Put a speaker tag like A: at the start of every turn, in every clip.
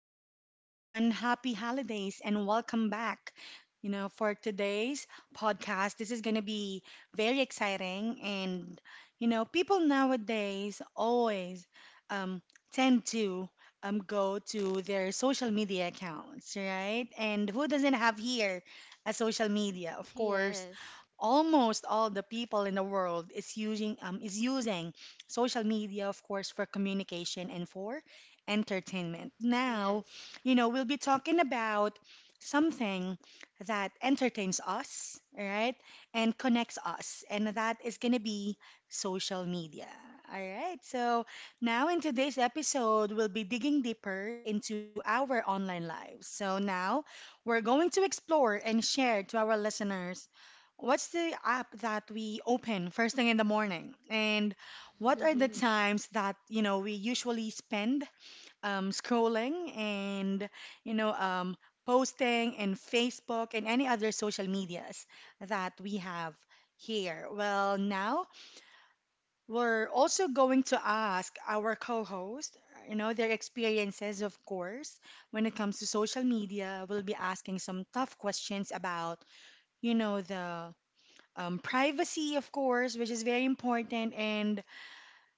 A: morning, everyone. Happy holidays and welcome back. You know, for today's podcast, this is going to be very exciting. And, you know, people nowadays always um, tend to go to their social media accounts, right? And who doesn't have here a social media? Of course,
B: Yes,
A: almost all the people in the world is using social media, of course, for communication and for entertainment now.
B: yes,
A: You know, we'll be talking about something that entertains us, right, and connects us, and that is going to be social media. All right, so now in today's episode we'll be digging deeper into our online lives. So now we're going to explore and share to our listeners what's the app that we open first thing in the morning. And what are the times that, you know, we usually spend scrolling and, you know, um, posting in Facebook and any other social medias that we have here? Well, now we're also going to ask our co-host, you know, their experiences, of course, when it comes to social media. We'll be asking some tough questions about, you know, the privacy, of course, which is very important, and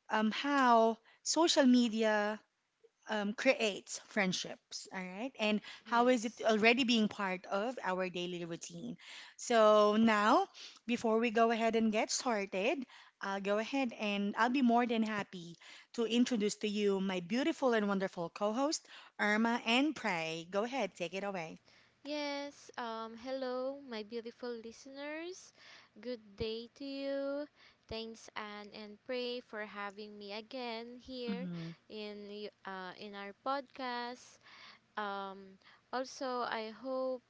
A: how social media creates friendships, all right? And how is it
B: yes,
A: already being part of our daily routine? So now, before we go ahead and get started, I'll go ahead and I'll be more than happy to introduce to you my beautiful and wonderful co-host, Irma and Pray. Go ahead, take it away.
B: yes. Hello, my beautiful listeners. Good day to you. Thanks Anne and Pray for having me again here in in our podcast. Um, also, I hope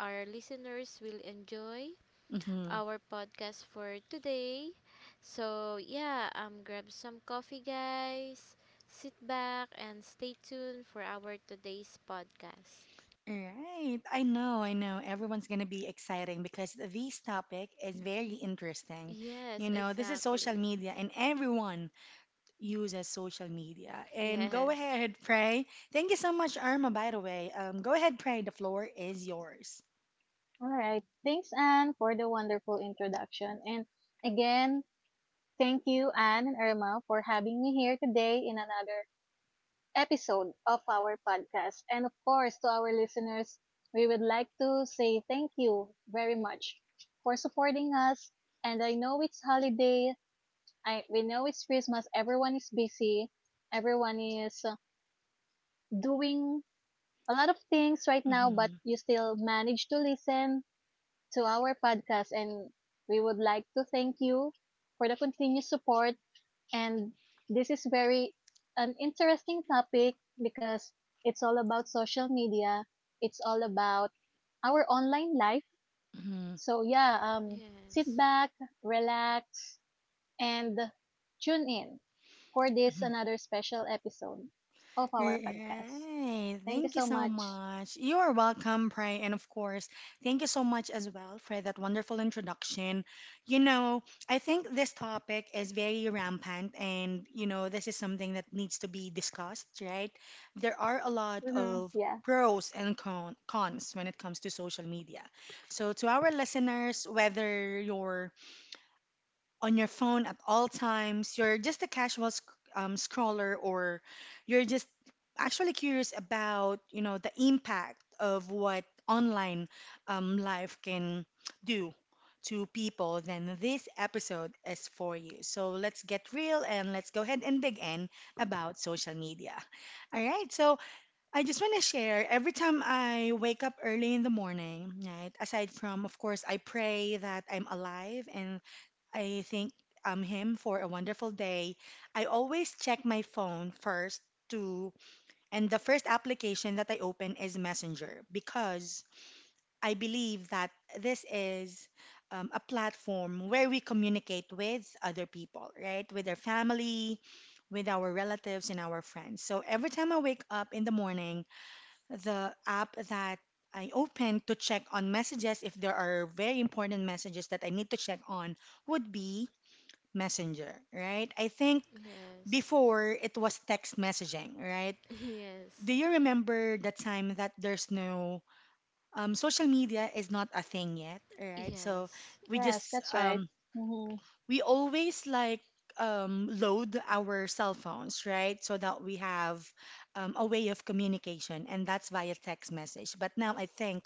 B: our listeners will enjoy
A: hmm
B: our podcast for today. So, yeah, grab some coffee, guys. Sit back and stay tuned for our today's podcast.
A: Right. I know, I know. Everyone's going to be exciting because this topic is very interesting. You
B: Yes,
A: know, this is social
B: exactly.
A: media and everyone uses social media. And go
B: Yes.
A: ahead, Pray. Thank you so much, Irma, by the way. Go ahead, Pray. The floor is yours.
C: All right. Thanks, Anne, for the wonderful introduction. And again, thank you, Anne and Irma, for having me here today in another episode of our podcast. And of course, to our listeners, we would like to say thank you very much for supporting us. And I know it's holiday. I we know it's Christmas. Everyone is busy. Everyone is doing a lot of things right now, but
A: Mm-hmm.
C: you still manage to listen to our podcast. And we would like to thank you for the continuous support. And this is very an interesting topic because it's all about social media. It's all about our online life.
A: Mm-hmm.
C: So yeah, sit
B: Yes.
C: back, relax, and tune in for this another special episode of our podcast.
A: Right.
C: Thank you
A: Thank you
C: so
A: so
C: much.
A: much. You are welcome, Pray. And of course, thank you so much as well for that wonderful introduction. You know, I think this topic is very rampant and, you know, this is something that needs to be discussed, right? There are a lot
C: Mm-hmm.
A: of
C: Yeah.
A: pros and cons when it comes to social media. So, to our listeners, whether you're on your phone at all times, you're just a casual scroller, or you're just actually curious about, you know, the impact of what online life can do to people, then this episode is for you. So let's get real and let's go ahead and dig in about social media. All right. So I just want to share, every time I wake up early in the morning, right? Aside from, of course, I pray that I'm alive and I thank him for a wonderful day. I always check my phone first to, and the first application that I open is Messenger, because I believe that this is a platform where we communicate with other people, right? With our family, with our relatives, and our friends. So every time I wake up in the morning, the app that I open to check on messages, if there are very important messages that I need to check on, would be Messenger, right? I think
B: Yes.
A: before it was text messaging, right? Do
B: Yes.
A: you remember that time that there's no social media is not a thing yet, right? So
B: Yes.
A: we
C: Yes,
A: just
C: that's right. Mm-hmm.
A: we always like load our cell phones, right? So that we have a way of communication, and that's via text message. But now I think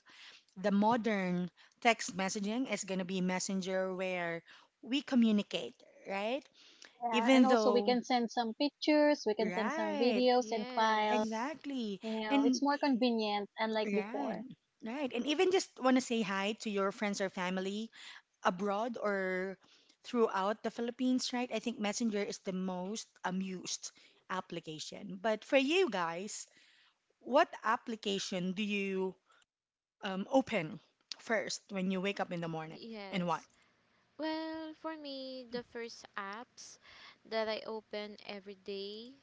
A: the modern text messaging is going to be Messenger, where we communicate, right?
C: Yeah, and
A: Even
C: also we
A: though,
C: can send some pictures, we can send some
A: right,
C: videos and files.
B: Yes.
A: exactly.
C: You know,
A: And
C: it's more convenient, unlike
A: right,
C: before.
A: right. And even just want to say hi to your friends or family abroad or throughout the Philippines, right? I think Messenger is the most used application. But for you guys, what application do you open first when you wake up in the morning and why?
B: Yes. Well, for me, the first apps that I open every day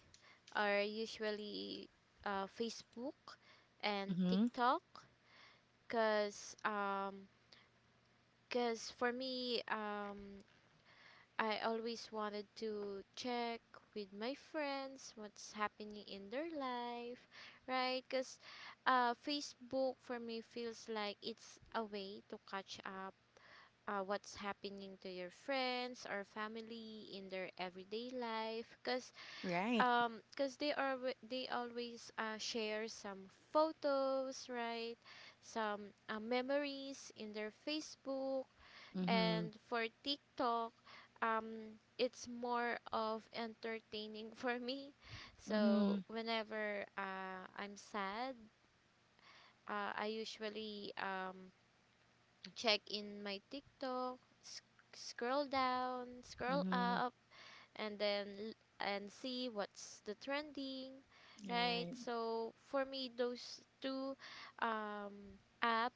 B: are usually Facebook and
A: Mm-hmm.
B: TikTok because cause for me I always wanted to check with my friends what's happening in their life, right? Because Facebook for me feels like it's a way to catch up what's happening to your friends or family in their everyday life, because
A: Right.
B: they always share some photos, right? Some memories in their Facebook.
A: Mm-hmm.
B: And for TikTok, it's more of entertaining for me. So
A: Mm-hmm.
B: whenever I'm sad, I usually check in my TikTok, scroll down, scroll
A: Mm-hmm.
B: up, and then l- and see what's the trending, right?
A: Right.
B: So for me, those two app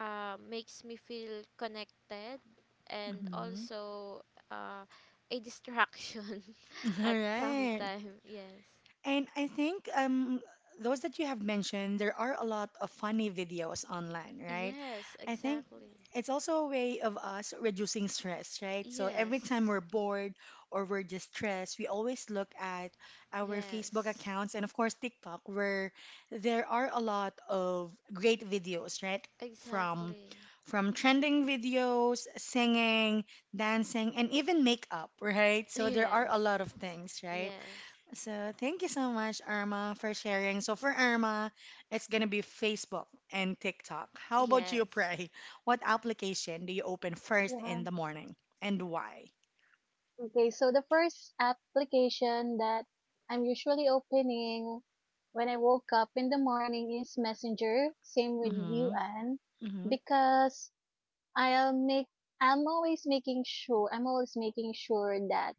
B: makes me feel connected and
A: Mm-hmm.
B: also uh, a distraction
A: All
B: at some
A: right.
B: time. Yes.
A: And I think those that you have mentioned, there are a lot of funny videos online, right?
B: Yes,
A: I think
B: exactly.
A: it's also a way of us reducing stress, right? So every time
B: Yes.
A: we're bored or we're distressed, we always look at our Facebook
B: Yes.
A: accounts and, of course, TikTok, where there are a lot of great videos, right? From
B: Exactly.
A: trending videos, singing, dancing, and even makeup, right? So there are a
B: Yes.
A: lot of things, right?
B: Yes.
A: So thank you so much, Irma, for sharing. So for Irma, it's gonna be Facebook and TikTok. How about you,
B: Yes.
A: Pray? What application do you open first
C: Yeah.
A: in the morning and why?
C: Okay, so the first application that I'm usually opening when I woke up in the morning is Messenger. Same with
A: Mm-hmm.
C: you, Anne,
A: Mm-hmm.
C: because I'll make I'm always making sure that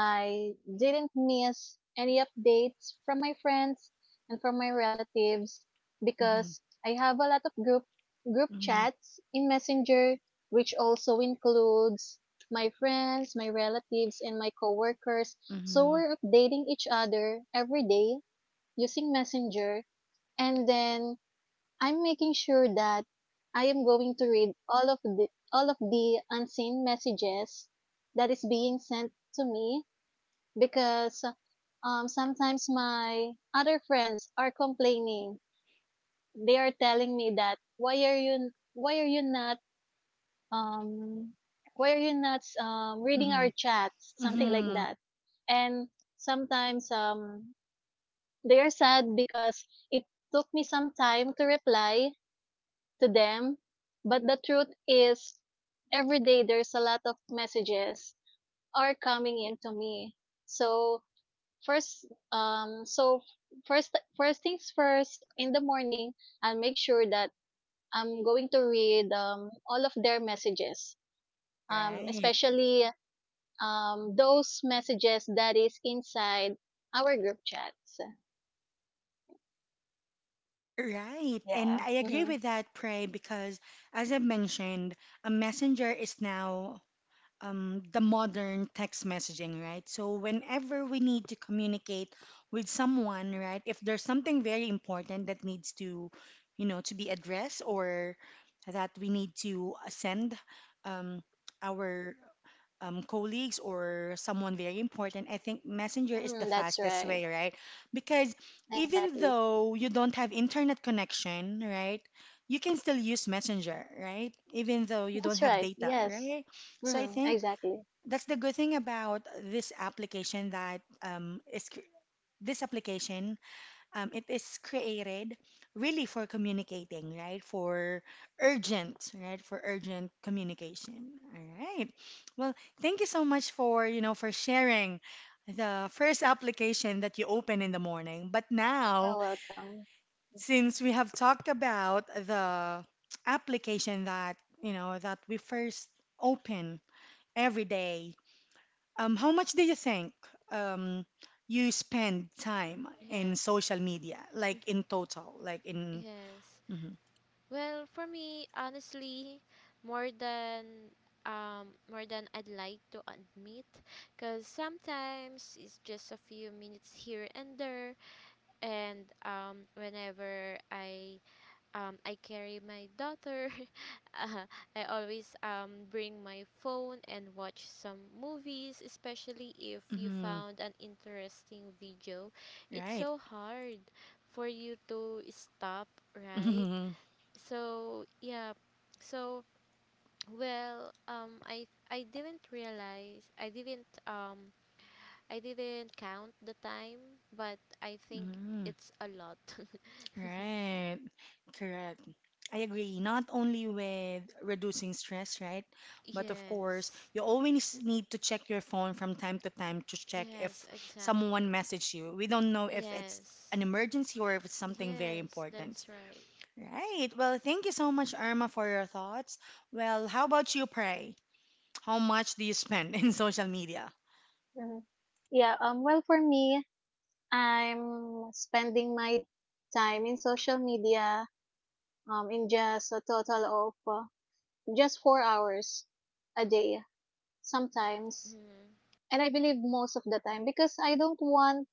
C: I didn't miss any updates from my friends and from my relatives
A: Mm-hmm.
C: because I have a lot of group
A: Mm-hmm.
C: chats in Messenger, which also includes my friends, my relatives, and my coworkers. So
A: Mm-hmm.
C: we're updating each other every day using Messenger, and then I'm making sure that I am going to read all of the unseen messages that is being sent to me because sometimes my other friends are complaining. They are telling me that why are you not um why are you not reading
A: Mm-hmm.
C: our chats, something like
A: Mm-hmm.
C: that. And sometimes they are sad because it took me some time to reply to them. But the truth is every day there's a lot of messages are coming into me. So first um so first things first in the morning, I'll make sure that I'm going to read all of their messages,
A: Right,
C: especially those messages that is inside our group chats.
A: right. And
C: Yeah.
A: I agree
C: Mm-hmm.
A: with that, Pray, because as I mentioned, a messenger is now the modern text messaging, right? So whenever we need to communicate with someone, right, if there's something very important that needs to, you know, to be addressed or that we need to send um, our colleagues or someone very important, I think Messenger is the
C: Mm-hmm, that's
A: fastest
C: right.
A: way, right? Because even
C: Exactly.
A: though you don't have internet connection, right? You can still use Messenger, right? Even though you don't
C: That's
A: have
C: right.
A: data,
C: Yes.
A: right? So I
C: Mm-hmm.
A: think
C: Exactly.
A: that's the good thing about this application that this application it is created really for communicating, right? For urgent, right? For urgent communication. All right. Well, thank you so much for, you know, for sharing the first application that you open in the morning. But
C: You're
A: now,
C: welcome.
A: since we have talked about the application that, you know, that we first open every day, how much do you think um, you spend time in
B: Yes.
A: social media, like in total, like in
B: yes.
A: mhm,
B: Well, for me, honestly, more than I'd like to admit, because sometimes it's just a few minutes here and there, and whenever I carry my daughter, uh, I always bring my phone and watch some movies, especially if you
A: mhm,
B: found an interesting video. It's
A: right?
B: so hard for you to stop, right?
A: Mhm,
B: So yeah, so well, I didn't realize, I didn't count the time, but I think
A: mhm,
B: it's a lot.
A: right. Correct. I agree. Not only with reducing stress, right? But of course,
B: Yes.
A: you always need to check your phone from time to time to check if
B: Yes,
A: someone
B: exactly.
A: messaged you. We don't know if it's
B: Yes.
A: an emergency or if it's something very
B: Yes,
A: important.
B: that's right.
A: Right. Well, thank you so much, Irma, for your thoughts. Well, how about you, Pray? How much do you spend in social media?
C: Mm-hmm. Yeah, well, for me, I'm spending my time in social media, in just a total of just 4 hours a day sometimes.
B: Mm.
C: And I believe most of the time, because I don't want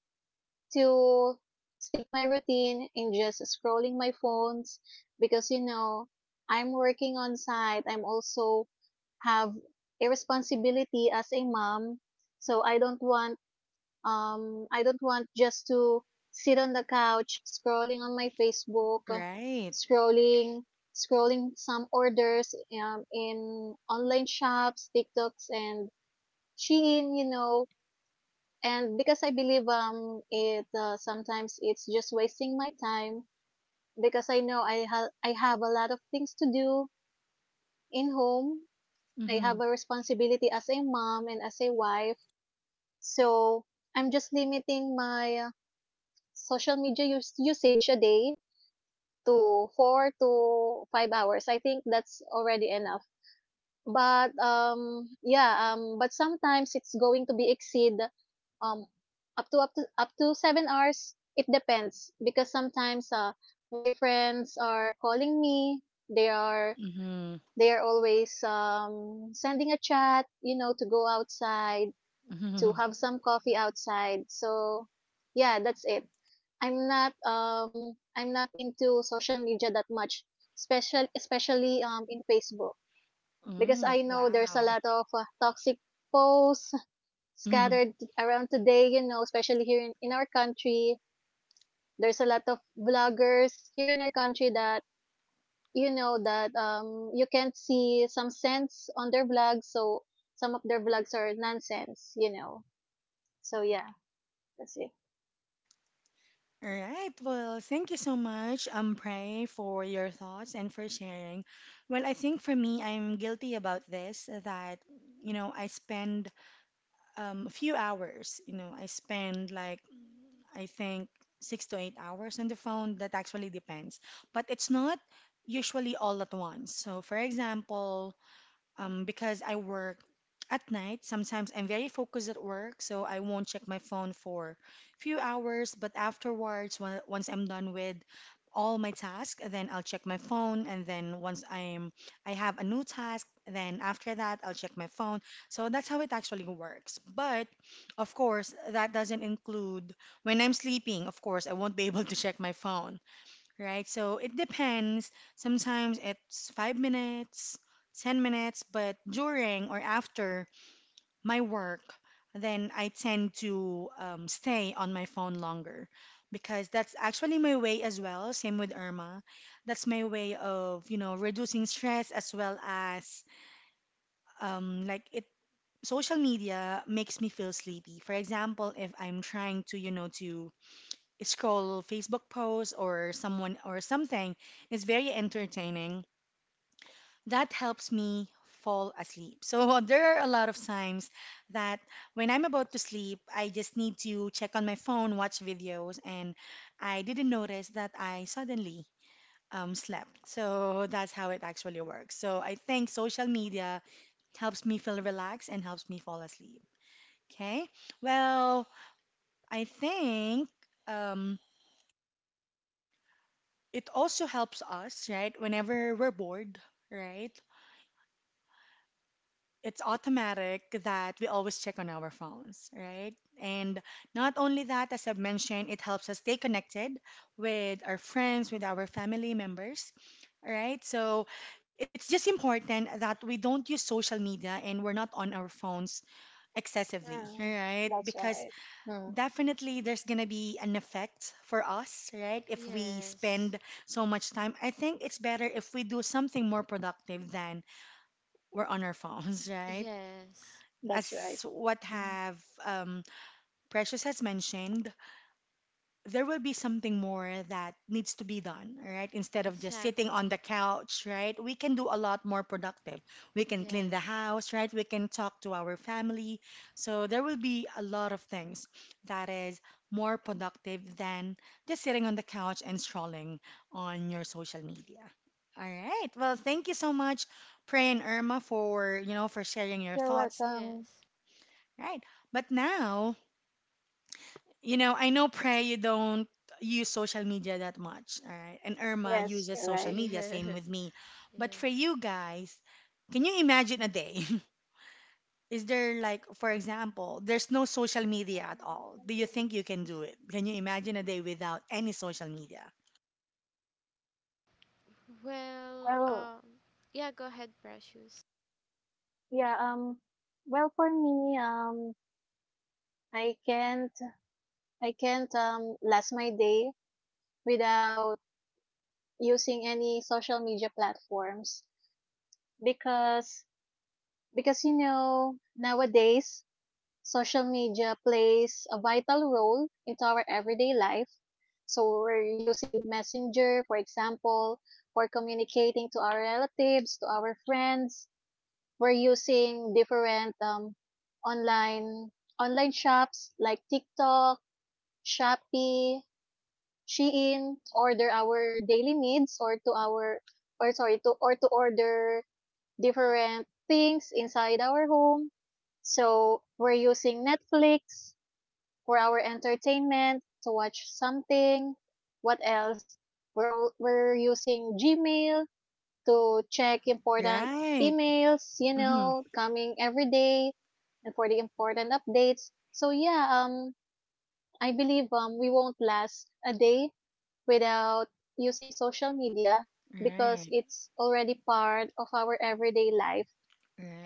C: to stick my routine in just scrolling my phones, because, you know, I'm working on site. I'm also have a responsibility as a mom. So I don't want just to sit on the couch scrolling on my Facebook,
A: Right.
C: scrolling, scrolling some orders in online shops, TikToks, and Shein, you know. And because I believe it sometimes it's just wasting my time because I know I have a lot of things to do in home. I
A: Mm-hmm.
C: have a responsibility as a mom and as a wife. So I'm just limiting my usage a day to 4 to 5 hours. I think that's already enough. But but sometimes it's going to be exceed um up to 7 hours. It depends because sometimes my friends are calling me. They are
A: Mm-hmm.
C: they are always sending a chat, you know, to go outside to
A: Mm-hmm.
C: have some coffee outside. So yeah, that's it. I'm not into social media that much, special especially in Facebook, because I
A: Oh,
C: know there's a
A: wow.
C: lot of toxic posts scattered around today, you know, especially in our country. There's a lot of bloggers here in our country that, you know, that you can't see some sense on their blogs, so some of their blogs are nonsense, you know. So yeah, that's it.
A: All right. Well, thank you so much, Pray, for your thoughts and for sharing. Well, I think for me, I'm guilty about this that, you know, I spend a few hours, you know, I spend like I think 6 to 8 hours on the phone. That actually depends. But it's not usually all at once. So, for example, because I work at night. Sometimes I'm very focused at work, so I won't check my phone for few hours. But afterwards, once I'm done with all my tasks, then I'll check my phone. And then once I'm I have a new task, then after that I'll check my phone. So that's how it actually works. But of course, that doesn't include when I'm sleeping. Of course, I won't be able to check my phone, right? So it depends. Sometimes it's 5 minutes, 10 minutes, but during or after my work, then I tend to stay on my phone longer, because that's actually my way as well. Same with Irma. That's my way of, you know, reducing stress as well as like it. Social media makes me feel sleepy. For example, if I'm trying to, you know, to scroll Facebook posts or someone or something is very entertaining, that helps me fall asleep. So there are a lot of times that when I'm about to sleep, I just need to check on my phone, watch videos, and I didn't notice that I suddenly slept. So that's how it actually works. So I think social media helps me feel relaxed and helps me fall asleep. Okay. Well, I think um, it also helps us, right? Whenever we're bored, right? It's automatic that we always check on our phones, right? And not only that, as I've mentioned, it helps us stay connected with our friends, with our family members, right? So it's just important that we don't use social media and we're not on our phones excessively,
C: Mm,
A: right?
C: that's
A: Because
C: right. Mm,
A: definitely, there's gonna be an effect for us, right? If we
B: Yes.
A: spend so much time, I think it's better if we do something more productive than we're on our phones, right?
B: Yes,
C: that's
A: As
C: right.
A: what
C: Mm.
A: have Precious has mentioned, there will be something more that needs to be done, right? Instead of just sitting on the
B: exactly.
A: couch, right? We can do a lot more productive. We can clean the
B: Yes.
A: house, right? We can talk to our family. So there will be a lot of things that is more productive than just sitting on the couch and strolling on your social media. All right. Well, thank you so much, Pray and Irma, for, you know, for sharing your
C: You're
A: thoughts.
C: welcome.
B: Yes.
A: Right. But now I know Pray you don't use social media that much, all right? And Irma
C: Yes,
A: uses
C: you're
A: social
C: right.
A: media, same
B: yes.
A: with me. But
B: Yes.
A: for you guys, can you imagine a day? Is there like, for example, there's no social media at all. Do you think you can do it? Can you imagine a day without any social media?
B: Well,
C: Well,
B: yeah, go ahead, Precious.
C: yeah, well, for me, I can't, I can't, last my day without using any social media platforms because, you know, nowadays social media plays a vital role into our everyday life. So we're using Messenger, for example, for communicating to our relatives, to our friends. We're using different online online shops like TikTok, Shopee, Shein to order our daily needs or to our or sorry to or to order different things inside our home. So we're using Netflix for our entertainment, to watch something. What else? We're using Gmail to check important
A: Right.
C: emails, you
A: Mm-hmm.
C: know, coming every day, and for the important updates. So yeah, I believe we won't last a day without using social media because
A: Right.
C: it's already part of our everyday life,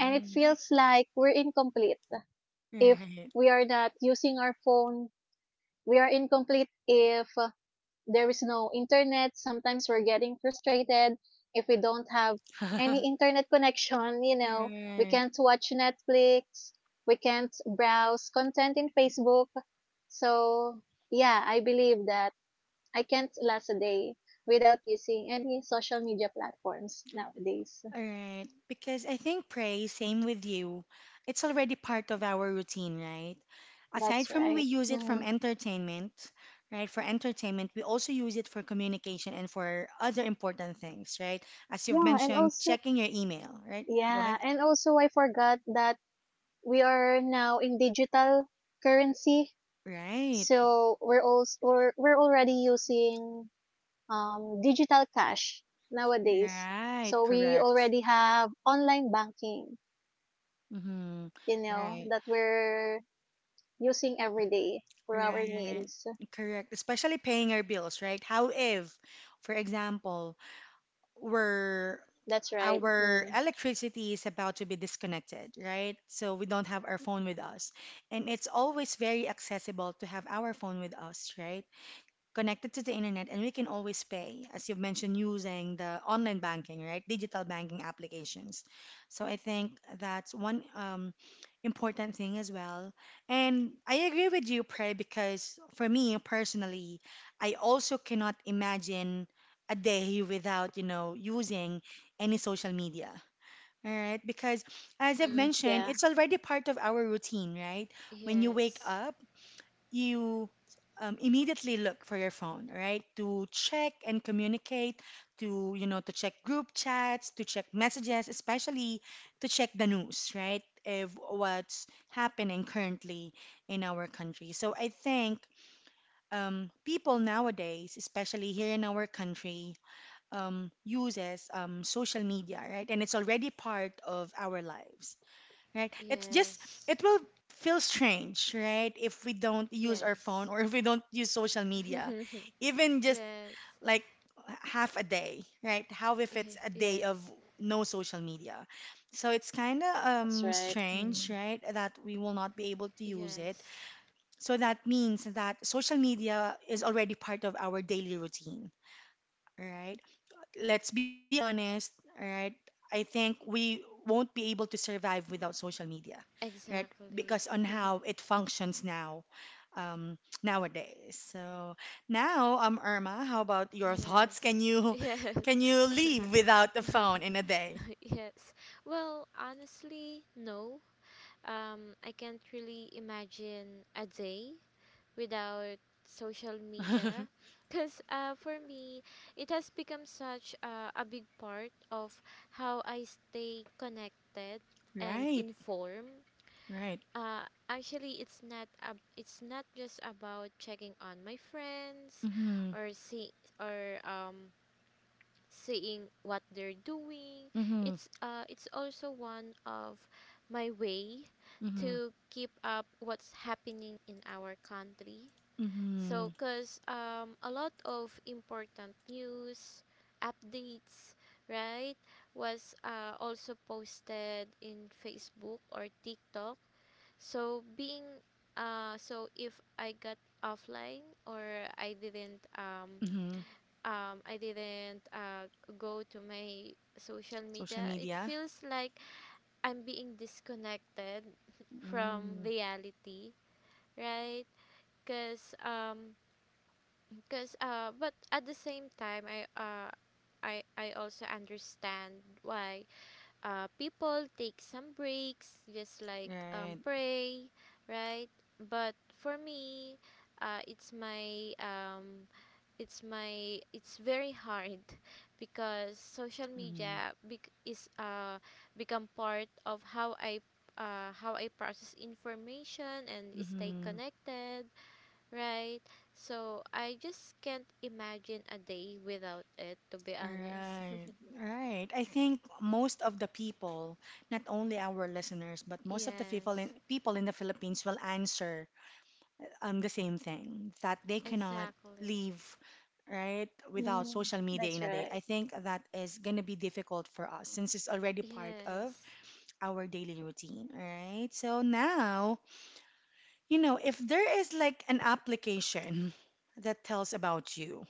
C: and it feels like we're incomplete if
A: Right.
C: we are not using our phone. We are incomplete if there is no internet. Sometimes we're getting frustrated if we don't have any internet connection, you know. We
A: Right.
C: can't watch Netflix, we can't browse content in Facebook. So, yeah, I believe that I can't last a day without using any social media platforms nowadays.
A: All right, because I think pray, same with you. It's already part of our routine, right? Aside
C: That's
A: from we
C: right.
A: use it from
C: Hmm.
A: entertainment, right? For entertainment, we also use it for communication and for other important things, right? As you've
C: Yeah, and
A: mentioned,
C: also
A: checking your email, right? Go ahead.
C: I forgot that we are now in digital currency.
A: Right.
C: So we're already using digital cash nowadays.
A: Right.
C: So we
A: Correct.
C: already have online banking,
A: Mm-hmm.
C: you know,
A: Right.
C: that we're using every day for our
A: Right.
C: needs.
A: Correct. Especially paying our bills, right? How if, for example, we're
C: That's right.
A: our
C: Mm.
A: electricity is about to be disconnected, right? So we don't have our phone with us. And it's always very accessible to have our phone with us, right? Connected to the internet and we can always pay, as you've mentioned, using the online banking, right? Digital banking applications. So I think that's one important thing as well. And I agree with you, Prey, because for me personally, I also cannot imagine a day without, you know, using any social media. All right, because as I've
C: Mm.
A: mentioned, it's
C: Yeah,
A: already part of our routine, right? When you wake
B: Yes,
A: up, you immediately look for your phone, right? To check and communicate, to to check group chats, to check messages, especially to check the news, right? Of what's happening currently in our country. So I think people nowadays, especially here in our country, uses social media, right? And it's already part of our lives, right? It's just
B: yes,
A: it will feel strange, right? If we don't use our phone
B: yes,
A: or if we don't use social media, even just
B: yes,
A: like half a day, right? How if it's a day of
B: yes,
A: no social media? So it's kind of
C: that's right.
A: strange,
C: Mm.
A: right? That we will not be able to use it.
B: yes,
A: So that means that social media is already part of our daily routine, right? Let's be honest, all right? I think we won't be able to survive without social media, right?
B: exactly.
A: Because on how it functions now, nowadays. So now, Irma, how about your thoughts? Can
B: yes,
A: you
B: yes,
A: can you live without the phone in a day?
B: yes. Well, honestly, no. I can't really imagine a day without social media, because for me it has become such a big part of how I stay connected and
A: Right,
B: informed.
A: right.
B: uh, actually, it's not just about checking on my friends
A: Mm-hmm,
B: or see, or seeing what they're doing.
A: mm-hmm,
B: It's also one of my way
A: mm-hmm,
B: to keep up what's happening in our country.
A: mm-hmm,
B: So, cause a lot of important news, updates, right, was also posted in Facebook or TikTok. So being so if I got offline or I didn't
A: mm-hmm.
B: I didn't go to my social
A: Social
B: media, it
A: media.
B: feels like I'm being disconnected from
A: Mm,
B: reality, right? Because um, Because but at the same time, I also understand why people take some breaks, just like
A: right.
B: Pray, right? But for me, uh, it's my um, it's very hard because social
A: Mm-hmm,
B: media bec- is become part of how I process information and stay
A: mm-hmm.
B: connected. Right? So I just can't imagine a day without it, to be honest.
A: Right, right. I think most of the people, not only our listeners, but most of the people in
B: Yes,
A: people in the Philippines will answer the same thing, that they cannot
B: exactly.
A: leave, right, without
C: Mm.
A: social media in
C: That's
A: a day.
C: right.
A: I think that is gonna be difficult for us since it's already part of
B: Yes,
A: our daily routine, right? So now, you know, if there is like an application that tells about you,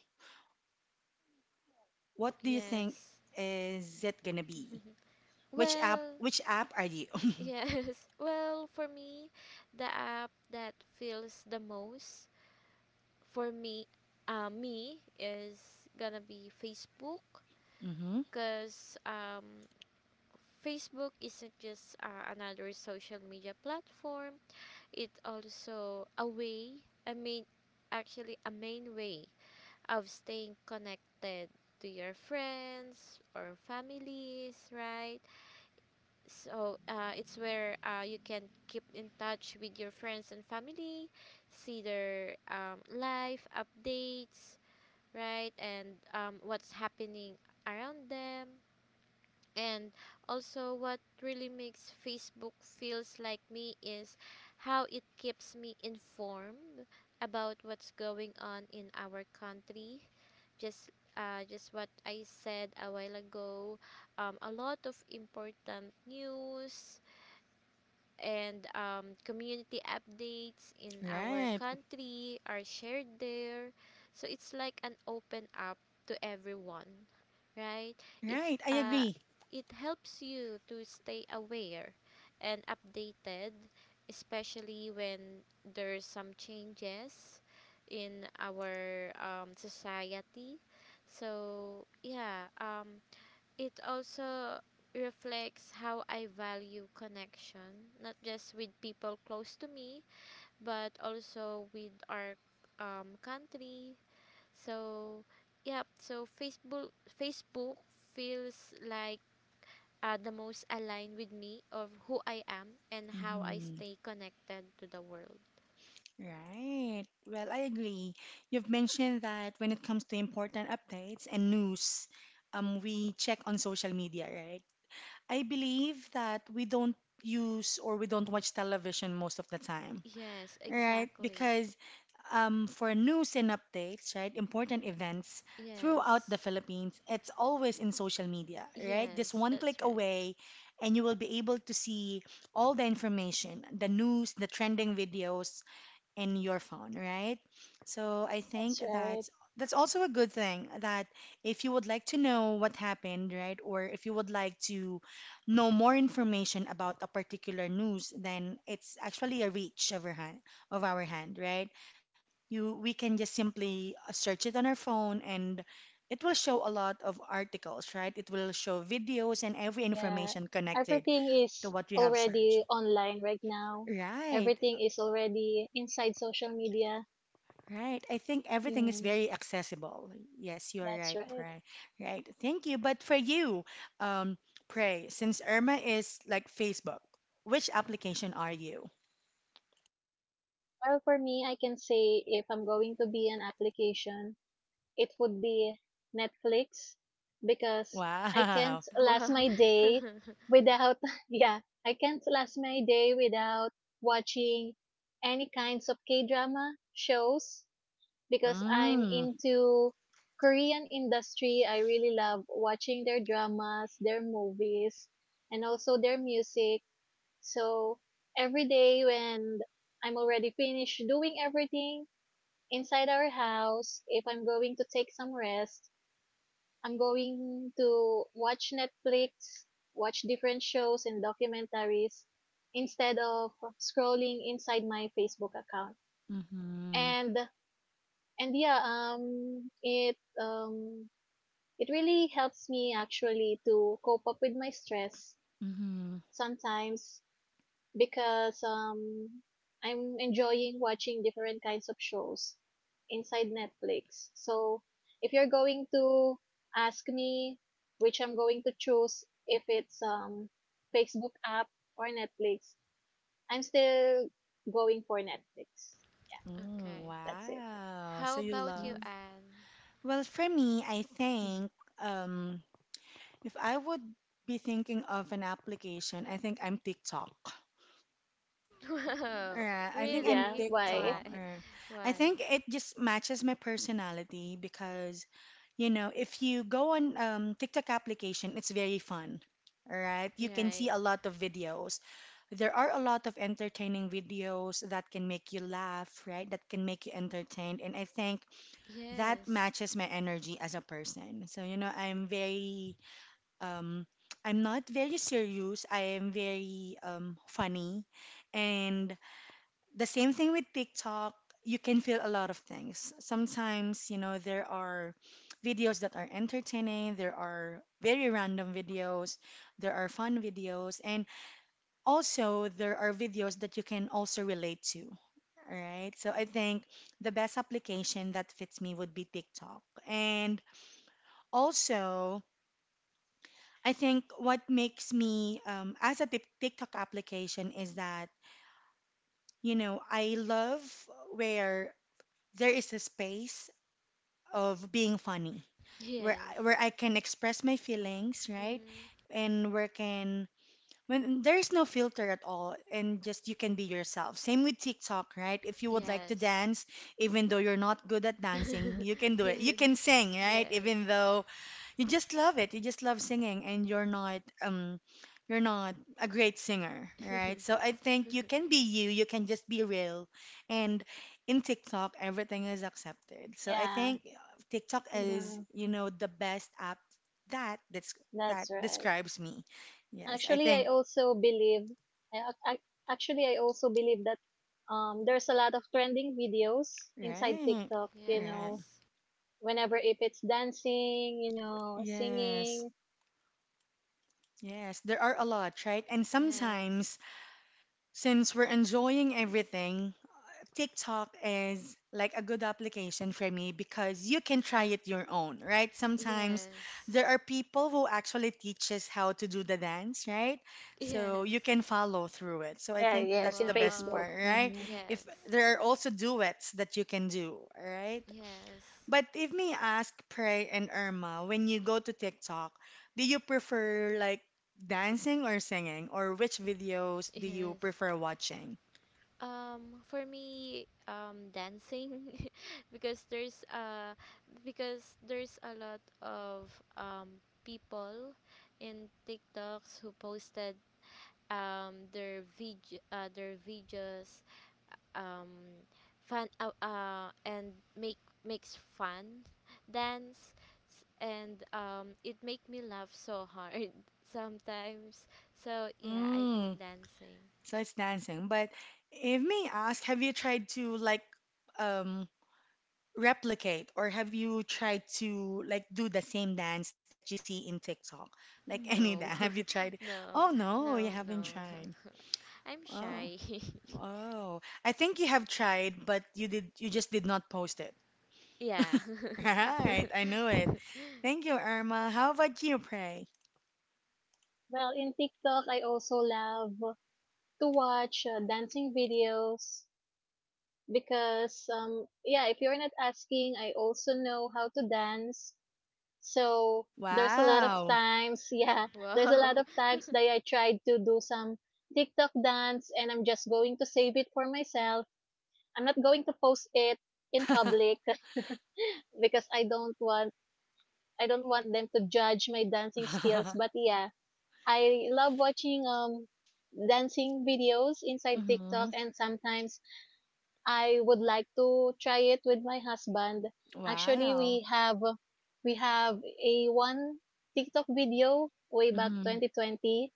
A: what do you think
B: yes.
A: is it gonna be? Which app?
B: well,
A: Which app are you?
B: yes. Well, for me, the app that feels the most for me is gonna be Facebook,
A: Mm-hmm.
B: cause Facebook isn't just another social media platform. It's also a way, I mean, actually a main way of staying connected to your friends or families, right? So it's where you can keep in touch with your friends and family, see their life updates, right? And what's happening around them. And also, what really makes Facebook feels like me is how it keeps me informed about what's going on in our country. Just, just what I said a while ago. A lot of important news, and community updates in our
A: Right.
B: country are shared there. So it's like an open up to everyone, right?
A: Right,
B: It's
A: I
B: uh,
A: agree.
B: it helps you to stay aware and updated, especially when there's some changes in our society. So yeah, it also reflects how I value connection, not just with people close to me, but also with our country. So, yeah, so Facebook feels like the most aligned with me of who I am and how I
A: Mm-hmm.
B: stay connected to the world.
A: Right. Well, I agree. You've mentioned that when it comes to important updates and news, we check on social media, right? I believe that we don't use or we don't watch television most of the time,
B: Yes,
A: right?
B: exactly.
A: Because for news and updates, right? Important events throughout the
B: Yes.
A: Philippines. It's always in social media, right? Just
B: Yes,
A: one click
B: that's right.
A: away, and you will be able to see all the information, the news, the trending videos in your phone, right? So I think
C: That's right.
A: that's also a good thing that if you would like to know what happened, right? Or if you would like to know more information about a particular news, then it's actually a reach of our hand, right? You we can just simply search it on our phone and it will show a lot of articles, right? It will show videos and every
C: Yeah.
A: information connected
C: Everything
A: to
C: is
A: what you have searched,
C: already online right now.
A: right?
C: Everything is already inside social media.
A: Right, I think everything is
C: Mm.
A: very accessible. Yes, you are
C: That's
A: right,
C: right.
A: pray, right? Thank you. But for you um pray, since irma is like facebook, which application are you?
C: Well, for me, I can say if I'm going to be an application, it would be Netflix because I
A: Wow.
C: can't last
B: Wow.
C: my day without, yeah, I can't last my day without watching any kinds of K-drama shows because I'm
A: Mm.
C: into Korean industry. I really love watching their dramas, their movies, and also their music. So every day when I'm already finished doing everything inside our house, if I'm going to take some rest, I'm going to watch Netflix, watch different shows and documentaries instead of scrolling inside my Facebook account.
A: Mm-hmm.
C: And and yeah, it it really helps me actually to cope up with my stress
A: Mm-hmm.
C: sometimes because I'm enjoying watching different kinds of shows inside Netflix. So if you're going to ask me which I'm going to choose if it's Facebook app or Netflix, I'm still going for Netflix. Yeah,
A: Mm,
B: okay.
C: that's it.
A: wow. So
B: How
A: you
B: about you,
A: love.
C: Mm.
B: Anne?
A: Well, for me, I think um, if I would be thinking of an application, I think I'm TikTok.
B: Wow,
A: Or I
C: Mm,
A: think I'm
C: yeah,
B: really?
C: why?
A: TikTok.
B: Why?
A: Or I
B: Why?
A: think it just matches my personality because, you know, if you go on TikTok application, it's very fun. All right, you can see
B: Right.
A: a lot of videos. There are a lot of entertaining videos that can make you laugh, right? That can make you entertained. And I think that
B: Yes.
A: matches my energy as a person. So, you know, I'm very, um, I'm not very serious. I am very funny. And the same thing with TikTok, you can feel a lot of things. Sometimes, you know, there are videos that are entertaining, there are very random videos, there are fun videos. And also there are videos that you can also relate to. All right, so I think the best application that fits me would be TikTok. And also I think what makes me tiktok application is that, you know, I love where there is a space of being funny,
B: Yes.
A: where I can express my feelings, right?
B: Mm-hmm.
A: And where can when there's no filter at all and just you can be yourself, same with TikTok, right? If you would like to
B: Yes.
A: dance even though you're not good at dancing, you can do it. You
B: yes.
A: can sing, right?
B: Yes.
A: Even though you just love it, you just love singing and you're not a great singer, right? So I think you can be you can just be real. And in TikTok everything is accepted. So I
C: Yeah,
A: think TikTok is,
C: mhm,
A: you know, the best app that that
C: that's right.
A: describes me. Yes, I
C: Actually, I
A: think
C: also believe, I, I, I also believe that there's a lot of trending videos inside
A: right,
C: TikTok, you
A: right.
C: know,
B: yes.
C: whenever if it's dancing, you know,
A: Yes,
C: singing.
A: yes. There are a lot, right? And
B: Yes.
A: sometimes, since we're enjoying everything, TikTok is like a good application for me because you can try it your own, right? Sometimes
B: Yes.
A: there are people who actually teaches how to do the dance, right? So you
B: Yes.
A: can follow through it. So I
C: Yeah,
A: think that's
C: yes, in
A: the best
B: Wow.
C: Facebook.
A: part, right?
C: Hmm. Mm.
A: If
B: Yes.
A: there are also duets that you can do, right?
B: Yes.
A: But if me ask, Pray and Irma, when you go to TikTok, do you prefer like dancing or singing, or which videos do you
B: Yes.
A: prefer watching?
B: For me, dancing, because there's a lot of um people in TikToks who posted um their vid their videos, um fun and make makes fun dance and it make me laugh so hard sometimes. So yeah, I think
A: Mm,
B: dancing.
A: so it's dancing. But if me ask, have you tried to like um replicate, or have you tried to like do the same dance that you see in TikTok? Like any dance?
B: No.
A: Have you tried? Oh
B: No,
A: no, you
B: no, no,
A: haven't tried.
B: no, I'm
A: Oh,
B: shy.
A: oh. I think you have tried, but you just did not post it.
B: Yeah.
A: Right, I knew it. Thank you, Irma. How about you, Pray?
C: Well, in TikTok, I also love to watch dancing videos because, yeah, if you're not asking, I also know how to dance. So, there's a lot of
A: Wow.
C: times yeah, there's a lot
B: Wow.
C: of times that I tried to do some TikTok dance and I'm just going to save it for myself. I'm not going to post it in public because I don't want them to judge my dancing skills. But yeah, I love watching dancing videos inside TikTok,
A: Hmm.
C: and sometimes I would like to try it with my husband. Actually,
A: Wow.
C: we have a one TikTok video way back
A: Hmm.
C: 2020.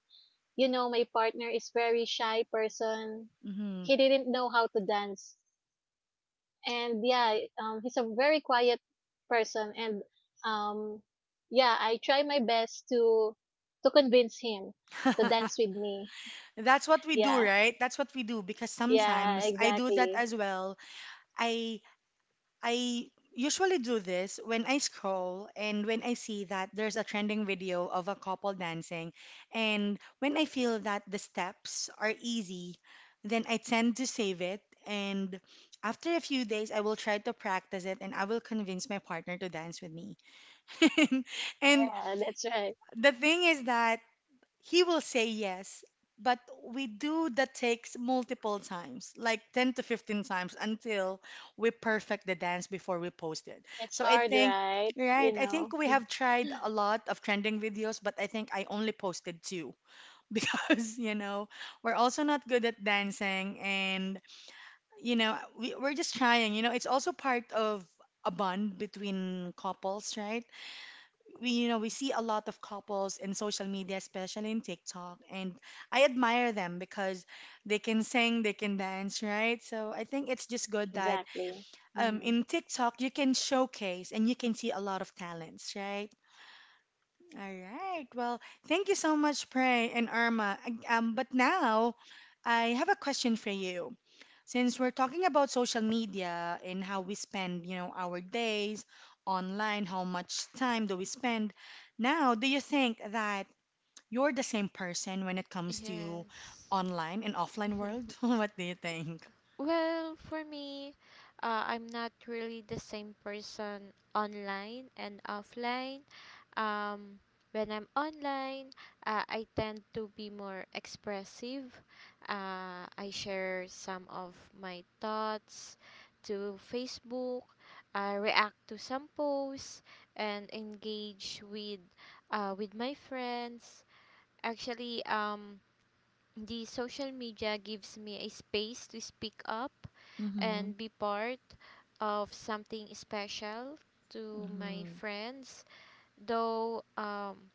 C: You know, my partner is very shy person.
A: Hmm.
C: He didn't know how to dance. And yeah, he's a very quiet person, and um yeah, I try my best to convince him to dance with me.
A: That's what we do,
C: Yeah.
A: right? That's what we do because
C: Yeah,
A: sometimes I do that
C: exactly.
A: as well. I I usually do this when I scroll and when I see that there's a trending video of a couple dancing. And when I feel that the steps are easy, then I tend to save it. And after a few days, I will try to practice it and I will convince my partner to dance with me. And
C: Yeah, that's right.
A: the thing is that he will say yes, but we do the takes multiple times, like 10 to 15 times until we perfect the dance before we post it.
C: It's
A: So I
C: hard,
A: think,
C: right? You
A: right, I think
C: know.
A: we have tried a lot of trending videos, but I think I only posted two because, you know, we're also not good at dancing and, you know, we're just trying. You know, it's also part of a bond between couples, right? We, you know, we
C: Mm.
A: see a lot of couples in social media, especially in TikTok, and I admire them because they can sing, they can dance, right? So I think it's just good that
C: Exactly. Mhm.
A: in TikTok you can showcase and you can see a lot of talents, right? All right, well, thank you so much, prey and irma. But now I have a question for you. Since we're talking about social media and how we spend, you know, our days online, how much time do we spend? Now, do you think that you're the same person when it comes to
B: Yes.
A: online and offline world? What do you think?
B: well, for me, I'm not really the same person online and offline. Um, when I'm online, I tend to be more expressive. I share some of my thoughts to Facebook, react to some posts, and engage with my friends. Actually, the social media gives me a space to speak up
A: Mm-hmm.
B: and be part of something special to my
A: Mm-hmm.
B: friends, though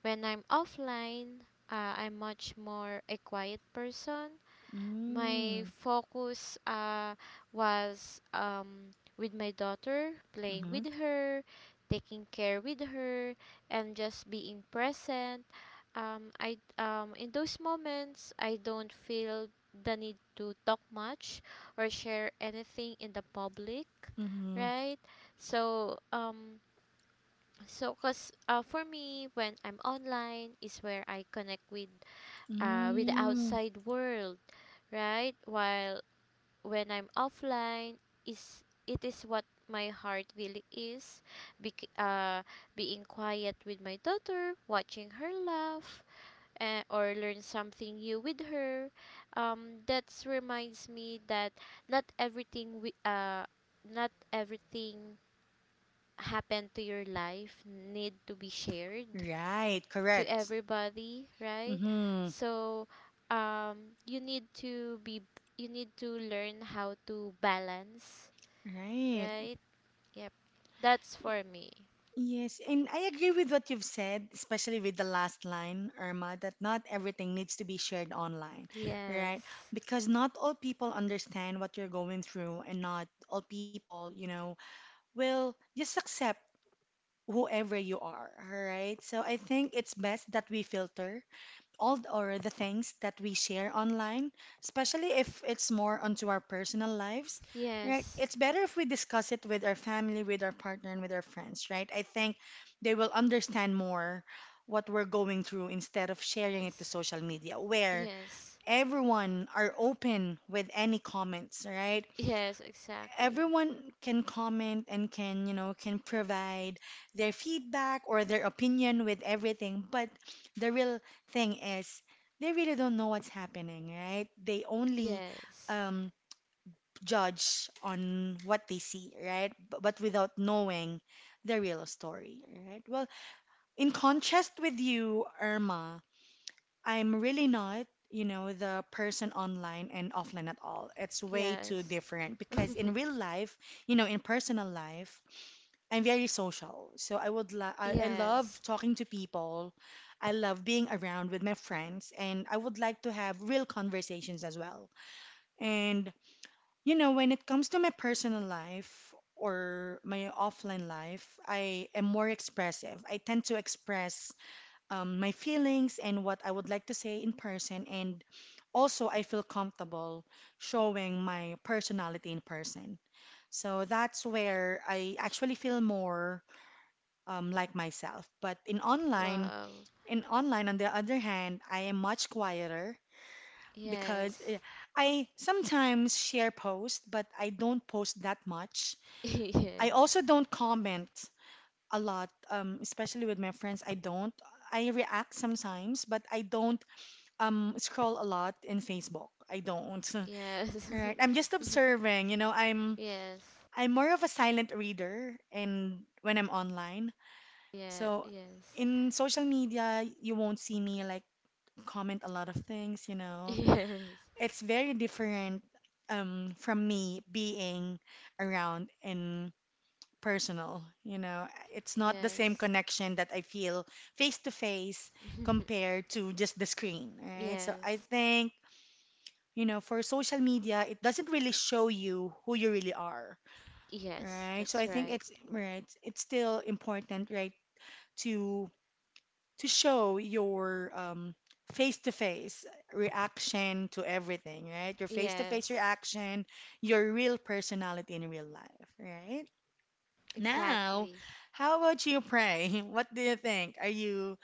B: when I'm offline, I'm much more a quiet person. My
A: Mm,
B: focus was with my daughter, playing
A: mm-hmm,
B: with her, taking care with her, and just being present. I In those moments, I don't feel the need to talk much or share anything in the public,
A: mm-hmm,
B: right? So so, cause for me, when I'm online, is where I connect with the
A: mm.
B: outside world, right? While when I'm offline, is it is what my heart really is, bec- uh, being quiet with my daughter, watching her laugh, or learn something new with her. That reminds me that not everything we uh, not everything happen to your life need to be shared
A: Right,
B: to
A: correct.
B: everybody, right?
A: Mm-hmm,
B: So you need to be, you need to learn how to balance,
A: right.
B: right? Yep. That's for me.
A: Yes, and I agree with what you've said, especially with the last line, Irma, that not everything needs to be shared online, right?
B: Yes.
A: Because not all people understand what you're going through, and not all people, you know, will just accept whoever you are, all right? So I think it's best that we filter or the things that we share online, especially if it's more onto our personal lives, right?
B: Yes.
A: It's better if we discuss it with our family, with our partner, and with our friends, right? I think they will understand more what we're going through instead of sharing it to
B: Yes.
A: social media where
B: Yes.
A: everyone are open with any comments, right?
B: Yes, exactly.
A: Everyone can comment and can, can provide their feedback or their opinion with everything. But the real thing is, they really don't know what's happening, right? They only
B: Yes.
A: um, judge on what they see, right? But without knowing the real story. Right, well, in contrast with you, Irma, I'm really not, you know, the person online and offline at all. It's way too
B: Yes.
A: different because in real life, you know, in personal life, I'm very social. So I love
B: yes.
A: talking to people. I love being around with my friends, and I would like to have real conversations as well. And you know, when it comes to my personal life or my offline life, I am more expressive. I tend to express my feelings and what I would like to say in person. And also, I feel comfortable showing my personality in person. So that's where I actually feel more like myself. But in online,
B: Wow.
A: in online, on the other hand, I am much quieter because
B: Yes.
A: I sometimes share posts, but I don't post that much. I
B: yes.
A: also don't comment a lot, especially with my friends. I don't. I react sometimes, but I don't scroll a lot in Facebook. I don't.
B: Yes.
A: Right. I'm just observing, you know, I'm
B: yes.
A: I'm more of a silent reader and when I'm online.
B: Yeah.
A: So
B: Yes.
A: in social media, you won't see me like comment a lot of things, you know.
B: Yes.
A: It's very different, from me being around in personal, you know. It's not the same
B: Yes.
A: connection that I feel face to face compared to just the screen, right? So I
B: yes.
A: think, you know, for social media, it doesn't really show you who you really are,
B: Yes,
A: right? So
B: that's
A: I think
B: right.
A: it's right. It's still important, right, to to show your, face-to-face reaction to everything, right? Your face-to-face
B: Yes.
A: reaction, your real personality in real life, right? Now,
B: Exactly.
A: how about you, Pray? What do you think? Are you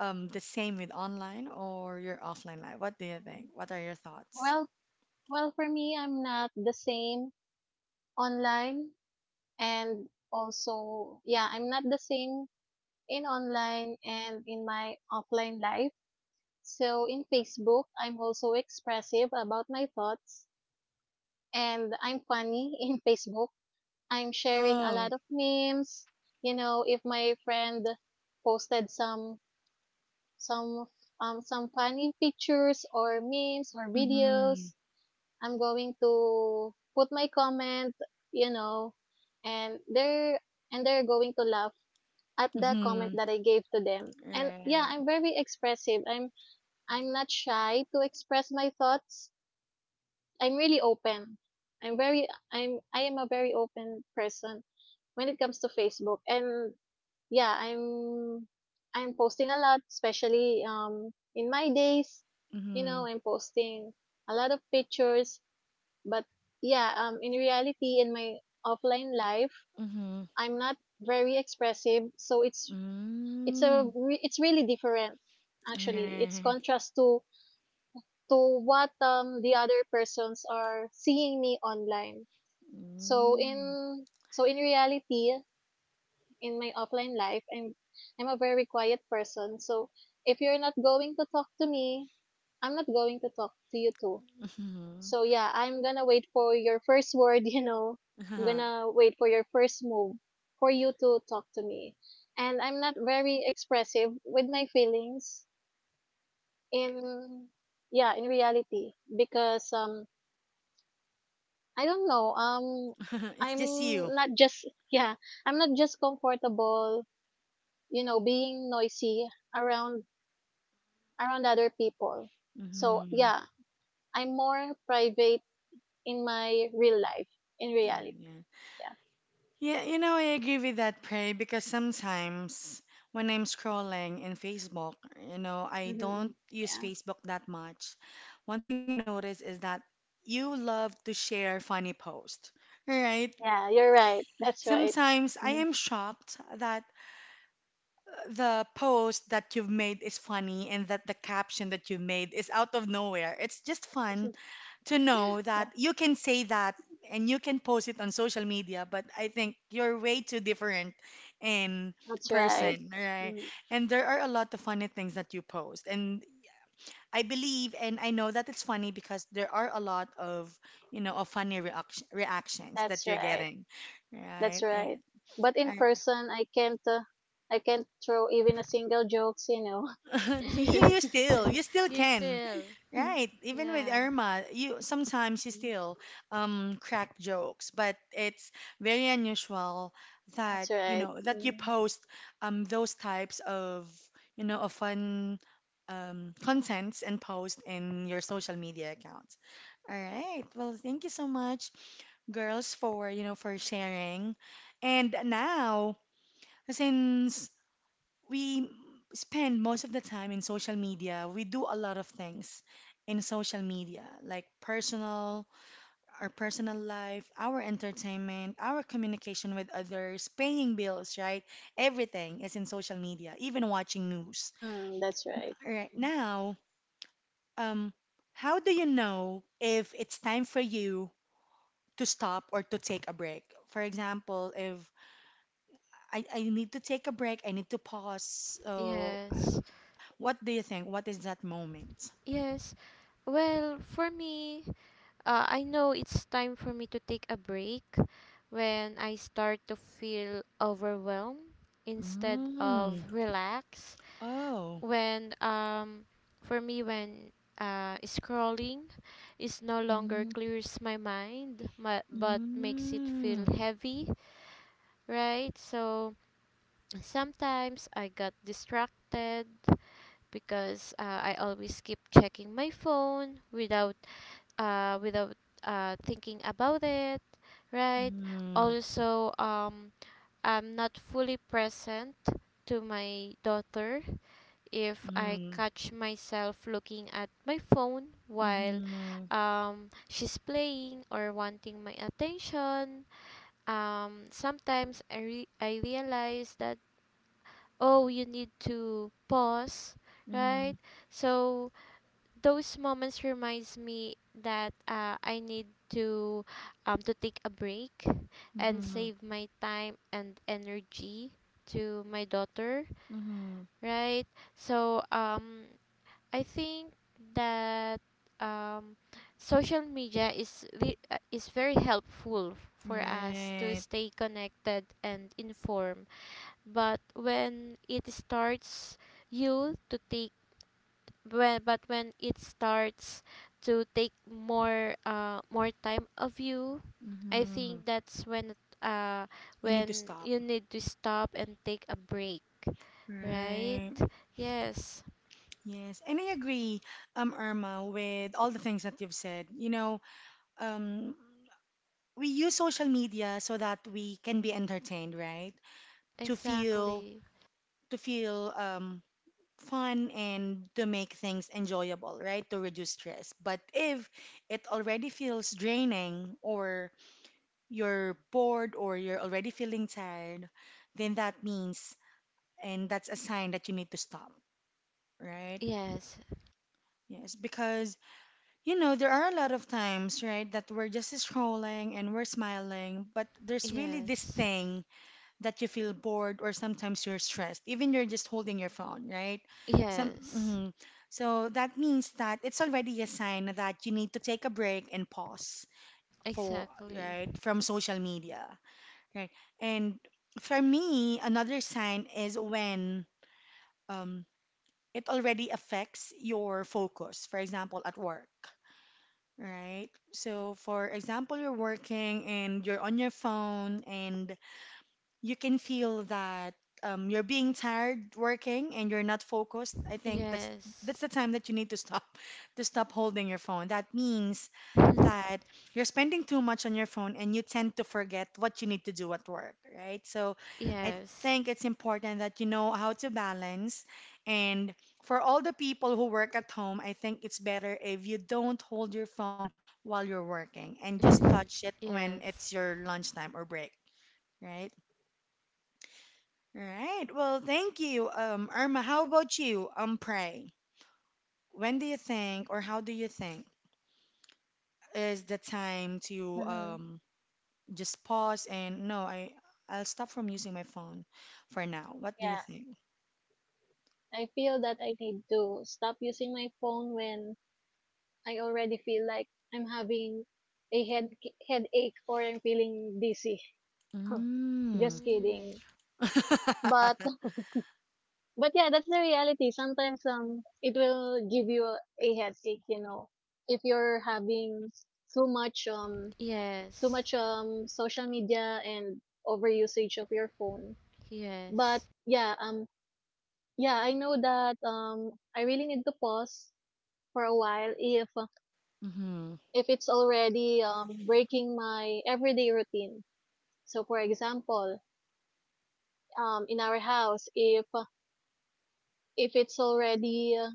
A: the same with online or your offline life? What do you think?
C: Mm.
A: What are your thoughts?
C: Well, for me, I'm not the same online and also, yeah, I'm not the same in online and in my offline life. So in Facebook, I'm also expressive about my thoughts, and I'm funny in Facebook. I'm sharing a lot
A: Oh,
C: of memes. You know, if my friend posted some some funny pictures or memes or
A: mhm.
C: videos, I'm going to put my comment, you know, and they're going to laugh at the comment
A: Mm-hmm.
C: that I gave to them. And yeah,
A: Right.
C: I'm very expressive. I'm not shy to express my thoughts. I'm really open. I'm very I am a very open person when it comes to Facebook. And yeah, I'm posting a lot, especially in my days, you
A: Mm-hmm.
C: know, I'm posting a lot of pictures, but yeah, in reality, in my offline life,
A: Mm-hmm.
C: I'm not very expressive, so
A: Mm.
C: it's really different actually. It's
A: Right.
C: contrast to what the other persons are seeing me online. So
A: Mm.
C: in reality, in my offline life, I'm a very quiet person. So if you're not going to talk to me, I'm not going to talk to you too.
A: Mm-hmm.
C: So yeah, I'm gonna wait for your first word, you know. I'm
A: Uh-huh.
C: gonna wait for your first move for you to talk to me. And I'm not very expressive with my feelings in, yeah, in reality because I don't know.
A: It's just you.
C: I'm not just yeah. I'm not just comfortable, being noisy around other people. So
A: Mm-hmm.
C: yeah, I'm more private in my real life, in reality.
A: Yeah.
C: Yeah.
A: Yeah, you know, I agree with that, Prey, because sometimes when I'm scrolling in Facebook, you know, I
C: Mm-hmm.
A: don't use
C: Yeah.
A: Facebook that much. One thing I notice is that you love to share funny posts, right?
C: Yeah, you're right. That's right.
A: Sometimes I
C: Mhm.
A: am shocked that the post that you've made is funny, and that the caption that you made is out of nowhere. It's just fun to know
C: Yeah,
A: that you can say that and you can post it on social media, but I think you're way too different in
C: that's right.
A: person, right?
C: Mm.
A: And there are a lot of funny things that you post. And I believe and I know that it's funny because there are a lot of, you know, of funny reactions that
C: That's
A: you're
C: right.
A: getting,
C: That's
A: right?
C: right. But in person, I can't. I can't throw even a single jokes. You know.
A: you, you still you still
B: you
A: can,
B: still.
A: right? Even with
B: Yeah.
A: Irma, you sometimes you
C: Mm.
A: still crack jokes, but it's very unusual that,
C: That's
A: you
C: right.
A: know, that you
C: Mm,
A: post those types of, you know, of fun contents and post in your social media accounts. All right, well, thank you so much, girls, for, you know, for sharing. And now, since we spend most of the time in social media, we do a lot of things in social media, like personal, our personal life, our entertainment, our communication with others, paying bills, right? Everything is in social media, even watching news.
C: mm, that's right.
A: Right now, um, how do you know if it's time for you to stop or to take a break? For example, if I need to take a break, I need to pause. So,
B: Yes.
A: what do you think? What is that moment?
B: Yes. Well, for me, I know it's time for me to take a break when I start to feel overwhelmed instead of
A: Mm.
B: relaxed.
A: Oh,
B: When for me when scrolling is no longer
A: mm.
B: clears my mind, but makes it feel
A: Mm.
B: heavy, right? So sometimes I got distracted because I always keep checking my phone without uh without thinking about it, right?
A: Mm.
B: Also I'm not fully present to my daughter if I
A: Mm.
B: catch myself looking at my phone while
A: Mhm.
B: she's playing or wanting my attention. Sometimes I realize that, oh, you need to pause, right?
A: Mhm.
B: So those moments reminds me that I need to take a break and
A: Mhm.
B: save my time and energy to my daughter,
A: Mhm.
B: right? So I think that um, social media is very helpful for us to
A: Right.
B: stay connected and informed. But when it starts you to take when, but when it starts to take more more time of you, I
A: Mhm.
B: think that's
A: You need to
B: when
A: stop.
B: you need to stop and take a break, right?
A: Right.
B: Yes,
A: Yes, and I agree, Irma, with all the things that you've said. You know, um, we use social media so that we can be entertained, right? To feel,
B: exactly.
A: to feel, fun and to make things enjoyable, right? To reduce stress. But if it already feels draining, or you're bored, or you're already feeling tired, then that means, and that's a sign that you need to stop, right?
B: Yes,
A: Yes, because, you know, there are a lot of times, right, that we're just scrolling and we're smiling, but there's really this
B: yes.
A: thing that you feel bored or sometimes you're stressed even you're just holding your phone, right? Some
B: Yes.
A: mhm. So that means that it's already a sign that you need to take a break and pause for,
B: Exactly.
A: right, from social media, right? And for me, another sign is when, um, it already affects your focus, for example, at work, right? So, for example, you're working and you're on your phone, and you can feel that, you're being tired working and you're not focused. I think
B: Yes.
A: that's the time that you need to stop to stop holding your phone. That means that you're spending too much on your phone and you tend to forget what you need to do at work, right? So I
B: yes.
A: think it's important that you know how to balance. And for all the people who work at home, I think it's better if you don't hold your phone while you're working, and just touch it when
B: yes.
A: it's your lunchtime or break, right? All right. Well, thank you. Irma. How about you? Pray. When do you think, or how do you think, is the time to
C: Hmm.
A: just pause and no, I'll stop from using my phone for now. What do you
C: Yeah,
A: think?
C: I feel that I need to stop using my phone when I already feel like I'm having a headache or I'm feeling dizzy.
A: Mm.
C: Just
B: Mm.
C: kidding. But but yeah, that's the reality. Sometimes it will give you a headache, you know, if you're having too much um too
B: Yes.
C: much social media and overusage of your phone. But
B: Yes.
C: yeah, Yeah, I know that I really need to pause for a while
A: Mm-hmm.
C: if it's already breaking my everyday routine. So for example, um, in our house if it's already uh,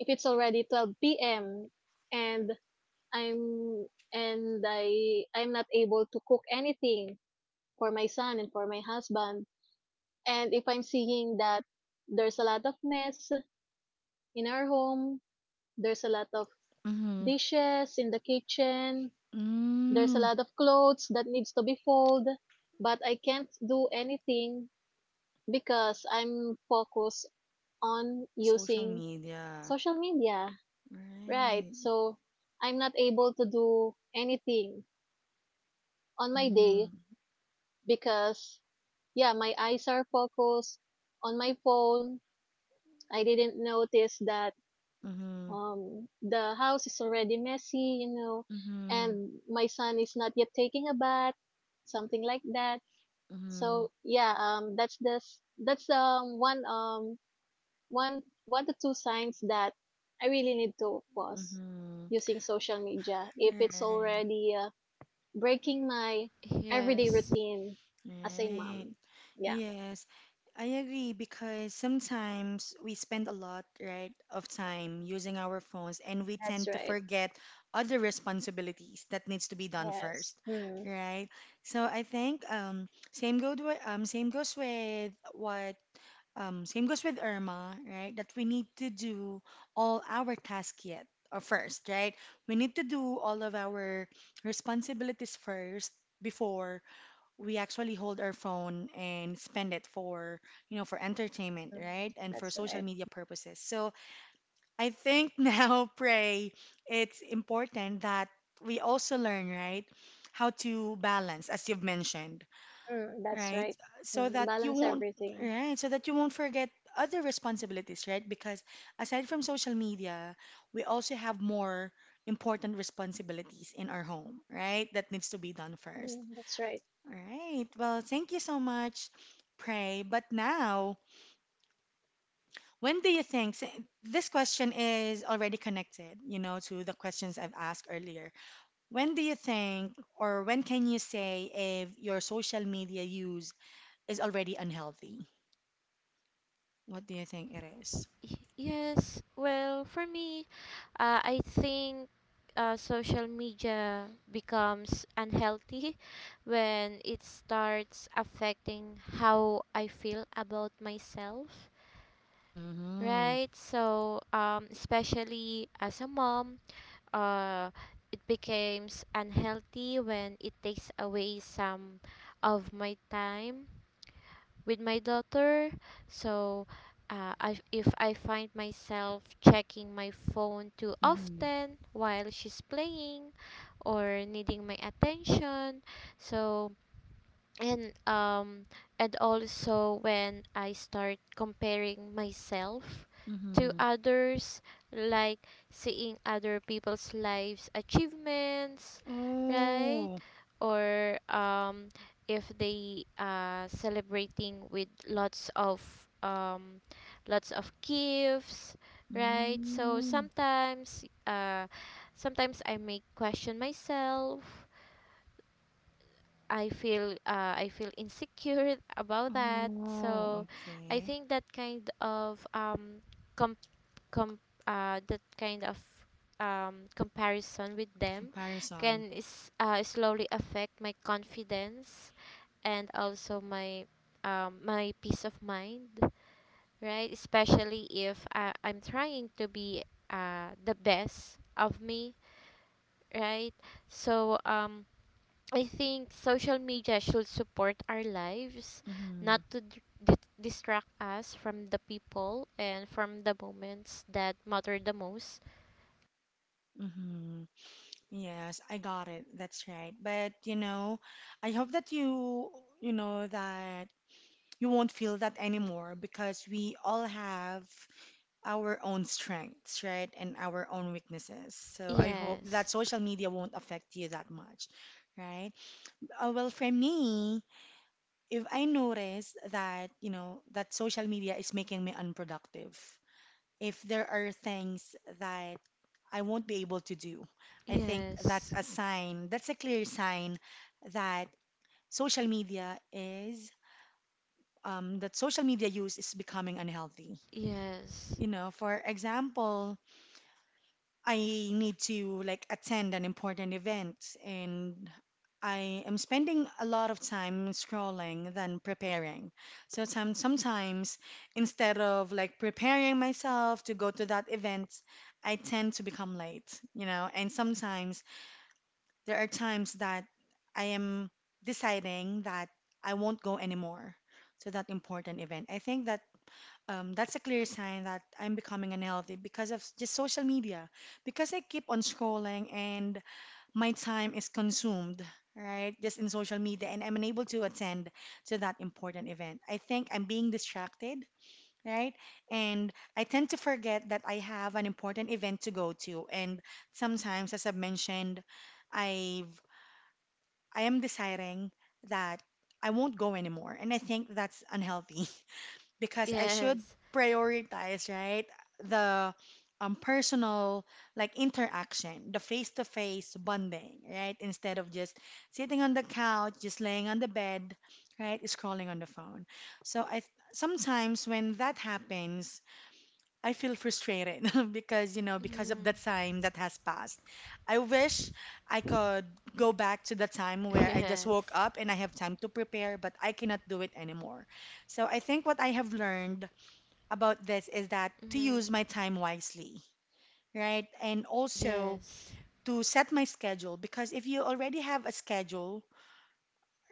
C: if it's already 12 p.m. and I'm I I'm not able to cook anything for my son and for my husband, and if I'm seeing that there's a lot of mess in our home, there's a lot of
A: Mm-hmm.
C: dishes in the kitchen. There's a
A: Mm.
C: lot of clothes that needs to be folded, but I can't do anything because I'm focused on
A: Social
C: using
A: media.
C: social media, right?
A: Right.
C: So I'm not able to do anything on my day
A: Mm-hmm.
C: because yeah, my eyes are focused on my phone. I didn't notice that
A: Mm-hmm.
C: the house is already messy, you know,
A: Mm-hmm.
C: and my son is not yet taking a bath, something like that.
A: Mm-hmm.
C: So yeah, that's the that's one one to two signs that I really need to pause
A: Mm-hmm.
C: using social media if it's
A: Right.
C: already, breaking my everyday
B: Yes.
C: routine as a
A: Right.
C: mom. Yeah.
A: Yes, I agree, because sometimes we spend a lot, right, of time using our phones, and we
C: That's
A: tend to
C: right.
A: forget other responsibilities that needs to be done
C: Yes.
A: first,
C: Mm.
A: right? So I think same goes with Irma, right? That we need to do all our tasks yet or first, right? We need to do all of our responsibilities first before we actually hold our phone and spend it for, you know, for entertainment,
C: Mm,
A: right? And for
C: that's
A: social
C: right.
A: media purposes. So I think now, Pray, it's important that we also learn, right, how to balance, as you've mentioned,
C: Mm, that's
A: right?
C: right.
A: So
C: Mm,
A: that you
C: balance
A: won't,
C: everything.
A: right, so that you won't forget other responsibilities, right? Because aside from social media, we also have more important responsibilities in our home, right, that needs to be done first.
C: Mm, that's right.
A: All right. Well, thank you so much, Pray. But now, when do you think this question is already connected, you know, to the questions I've asked earlier? When do you think, or when can you say, if your social media use is already unhealthy? What do you think it is?
B: Yes. Well, for me, I think social media becomes unhealthy when it starts affecting how I feel about myself.
A: Mm-hmm.
B: Right. So, especially as a mom, uh, it becomes unhealthy when it takes away some of my time with my daughter. So, I, if I find myself checking my phone too
A: Mm-hmm.
B: often while she's playing or needing my attention, so and um and also when I start comparing myself to
A: Mm-hmm.
B: others, like seeing other people's lives achievements, right?
A: Oh.
B: Or if they celebrating with lots of gifts, right? So
A: Mm.
B: sometimes, sometimes I may question myself. I feel insecure about that.
A: Oh,
B: So I
A: okay.
B: think that kind of com com that kind of comparison with them
A: Comparison.
B: can is slowly affect my confidence and also my my peace of mind, right? Especially if I, I'm trying to be the best of me, right? So I think social media should support our lives,
A: Mm-hmm.
B: not to distract us from the people and from the moments that matter the most.
A: Mm-hmm. Yes, I got it. That's right. But you know, I hope that you know, that you won't feel that anymore, because we all have our own strengths, right? And our own weaknesses. So I hope
B: Yes,
A: that social media won't affect you that much, right? Well, for me, if I notice that, you know, that social media is making me unproductive, if there are things that I won't be able to do, I think that's
B: yes,
A: a sign, that's a clear sign that social media is, that social media use is becoming unhealthy.
B: yes,
A: You know, for example, I need to like attend an important event, and I am spending a lot of time scrolling than preparing. So sometimes instead of like preparing myself to go to that event, I tend to become late, you know. And sometimes there are times that I am deciding that I won't go anymore to that important event. I think that, that's a clear sign that I'm becoming unhealthy because of just social media. Because I keep on scrolling and my time is consumed, right? Just in social media, and I'm unable to attend to that important event. I think I'm being distracted, right? And I tend to forget that I have an important event to go to. And sometimes, as I've mentioned, I've I am deciding that I won't go anymore, and I think that's unhealthy. Because I should
B: yes,
A: prioritize, right, the, personal like interaction, the face-to-face bonding, right, instead of just sitting on the couch, just laying on the bed, right, scrolling on the phone. So sometimes when that happens, I feel frustrated because, you know, because of
B: mm,
A: the time that has passed. I wish I could go back to the time where I just woke
B: yes,
A: up and I have time to prepare, but I cannot do it anymore. So I think what I have learned about this is that to
B: mm,
A: use my time wisely, right? And also
B: yes,
A: to set my schedule, because if you already have a schedule,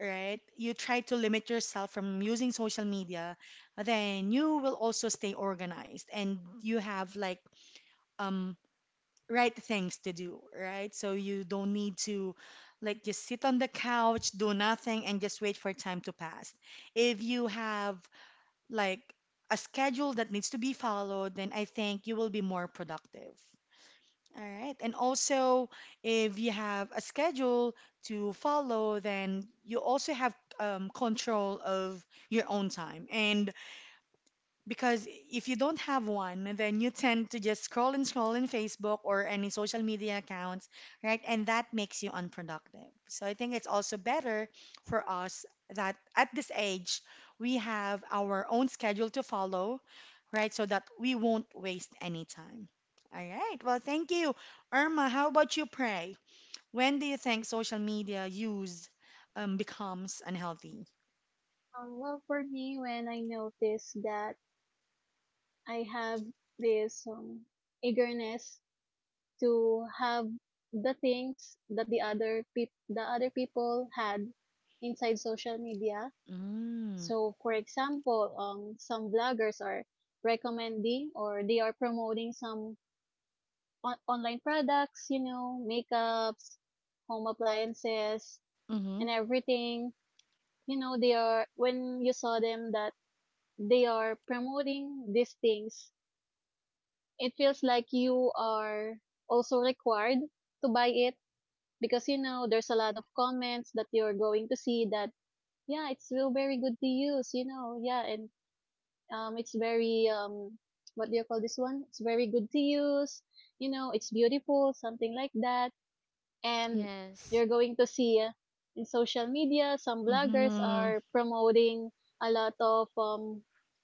A: right, you try to limit yourself from using social media, then you will also stay organized and you have um right things to do, right? So you don't need to like just sit on the couch, do nothing, and just wait for time to pass. If you have like a schedule that needs to be followed, then I think you will be more productive. All right. And also, if you have a schedule to follow, then you also have control of your own time. And because if you don't have one, then you tend to just scroll and scroll in Facebook or any social media accounts, right? And that makes you unproductive. So I think it's also better for us that at this age, we have our own schedule to follow, right? So that we won't waste any time. All right. Well, thank you. Irma, how about you, Pray? When do you think social media use becomes unhealthy?
C: Well, for me, when I notice that I have this, eagerness to have the things that the other peop the other people had inside social media.
A: Mm.
C: So, for example, some vloggers are recommending or they are promoting some online products, you know, makeups, home appliances,
A: Mm-hmm.
C: and everything. You know, they are when you saw them that they are promoting these things, it feels like you are also required to buy it because you know there's a lot of comments that you're going to see that yeah it's still very good to use, you know. Yeah, and it's very what do you call this one, it's very good to use, you know, it's beautiful, something like that. And
B: yes,
C: you're going to see, in social media some bloggers
A: Mm-hmm.
C: are promoting a lot of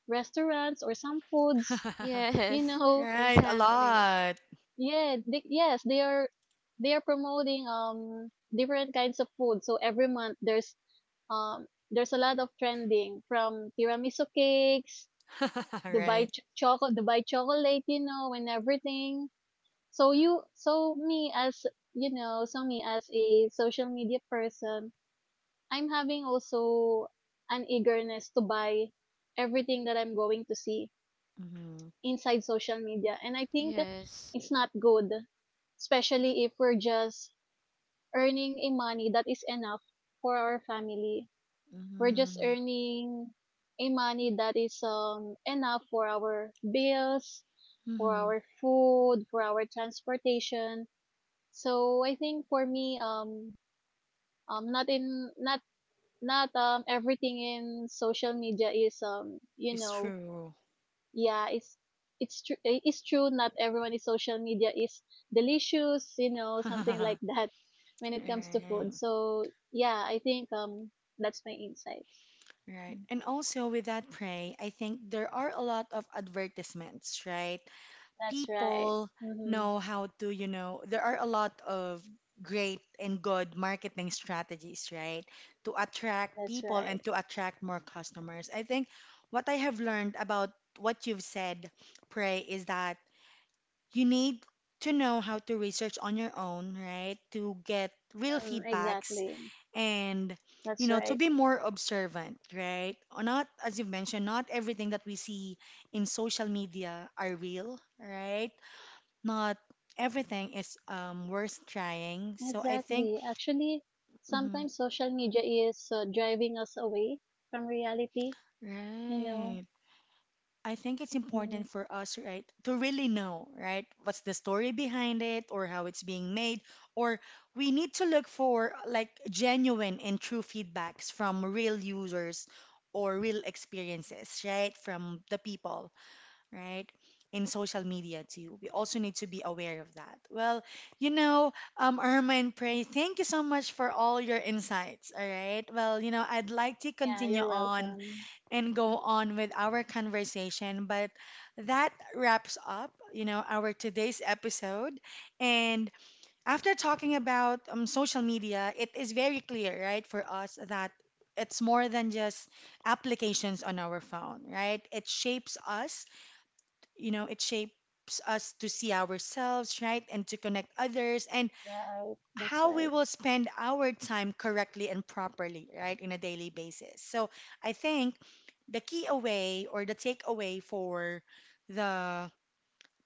C: restaurants or some foods, you
B: yes,
C: know.
A: Right, a
B: exactly.
A: lot.
C: Yeah yes they are, they are promoting different kinds of food. So every month there's, um there's a lot of trending, from tiramisu cakes,
A: Right.
C: Dubai chocolate, Dubai chocolate, you know, and everything. So you, so me as you know, so me as a social media person, I'm having also an eagerness to buy everything that I'm going to see
A: Mm-hmm.
C: inside social media. And I think
B: Yes,
C: it's not good, especially if we're just earning a money that is enough for our family. We're just
A: Mm-hmm.
C: earning a money that is enough for our bills, for
A: Mm-hmm.
C: our food, for our transportation. So I think for me, um, not in not not everything in social media is you
A: It's
C: know.
A: true.
C: Yeah, it's true, it's true, not everyone is social media is delicious, you know, something like
A: Right.
C: that, when it comes to food. So yeah, I think that's my insight.
A: Right.
C: Mm.
A: And also with that, prey, I think there are a lot of advertisements, right?
C: That's right.
A: People
C: Mm-hmm.
A: know how to, you know, there are a lot of great and good marketing strategies, right, to attract
C: That's
A: people
C: right.
A: and to attract more customers. I think what I have learned about what you've said, Prey, is that you need to know how to research on your own, right? To get real
C: Mm,
A: feedbacks
C: exactly.
A: and,
C: That's
A: to
C: right.
A: be more observant, right? Or not, as you mentioned, not everything that we see in social media are real, right? Not everything is worth trying. So I think,
C: Exactly. Actually
A: mhm,
C: sometimes social media is, driving us away from reality, you know.
A: right. I think it's
C: Mm-hmm.
A: important for us, right, to really know, right, what's the story behind it or how it's being made. Or we need to look for like genuine and true feedbacks from real users or real experiences, right, from the people, right, in social media too. We also need to be aware of that. Well, Ermine, Prey, thank you so much for all your insights, all right? Well, you know, I'd like to
C: Yeah,
A: continue
C: you're
A: on
C: welcome.
A: and go
C: Mhm.
A: on with our conversation. But that wraps up, you know, our today's episode. And after talking about social media, it is very clear, right, for us that it's more than just applications on our phone, right? It shapes us, you know, it shapes us to see ourselves, right, and to connect others. And
C: Right, that's
A: how we
C: right.
A: will spend our time correctly and properly, right, in a daily basis. So I think the key away or the takeaway for the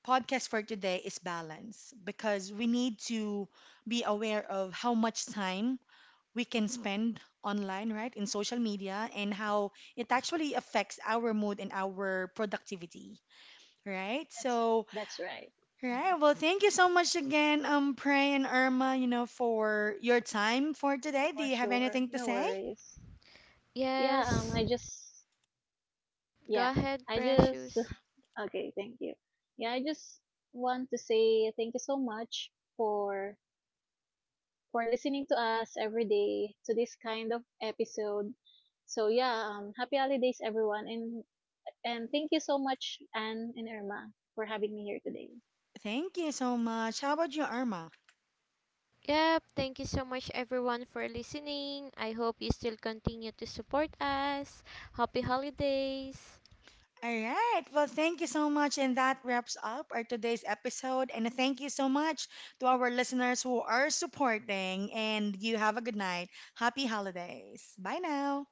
A: podcast for today is balance, because we need to be aware of how much time we can spend online, right, in social media, and how it actually affects our mood and our productivity, right?
C: that's
A: So
C: that's right. Mm-hmm.
A: right. Well, thank you so much again, Pray and Irma, you know, for your time for today. Do
C: For
A: you have
C: sure.
A: anything to
C: No
A: say?
C: worries. Yeah,
B: yes.
C: I just yeah,
B: Go ahead,
C: I just
B: Precious.
C: okay, thank you. Yeah, I just want to say thank you so much for for listening to us every day to this kind of episode. So yeah, happy holidays everyone, and thank you so much Anne and Irma for having me here today.
A: Thank you so much. How about you, Irma?
B: Yep, thank you so much everyone for listening. I hope you still continue to support us. Happy holidays.
A: All right. Well, thank you so much. And that wraps up our today's episode. And thank you so much to our listeners who are supporting. And you have a good night. Happy holidays. Bye now.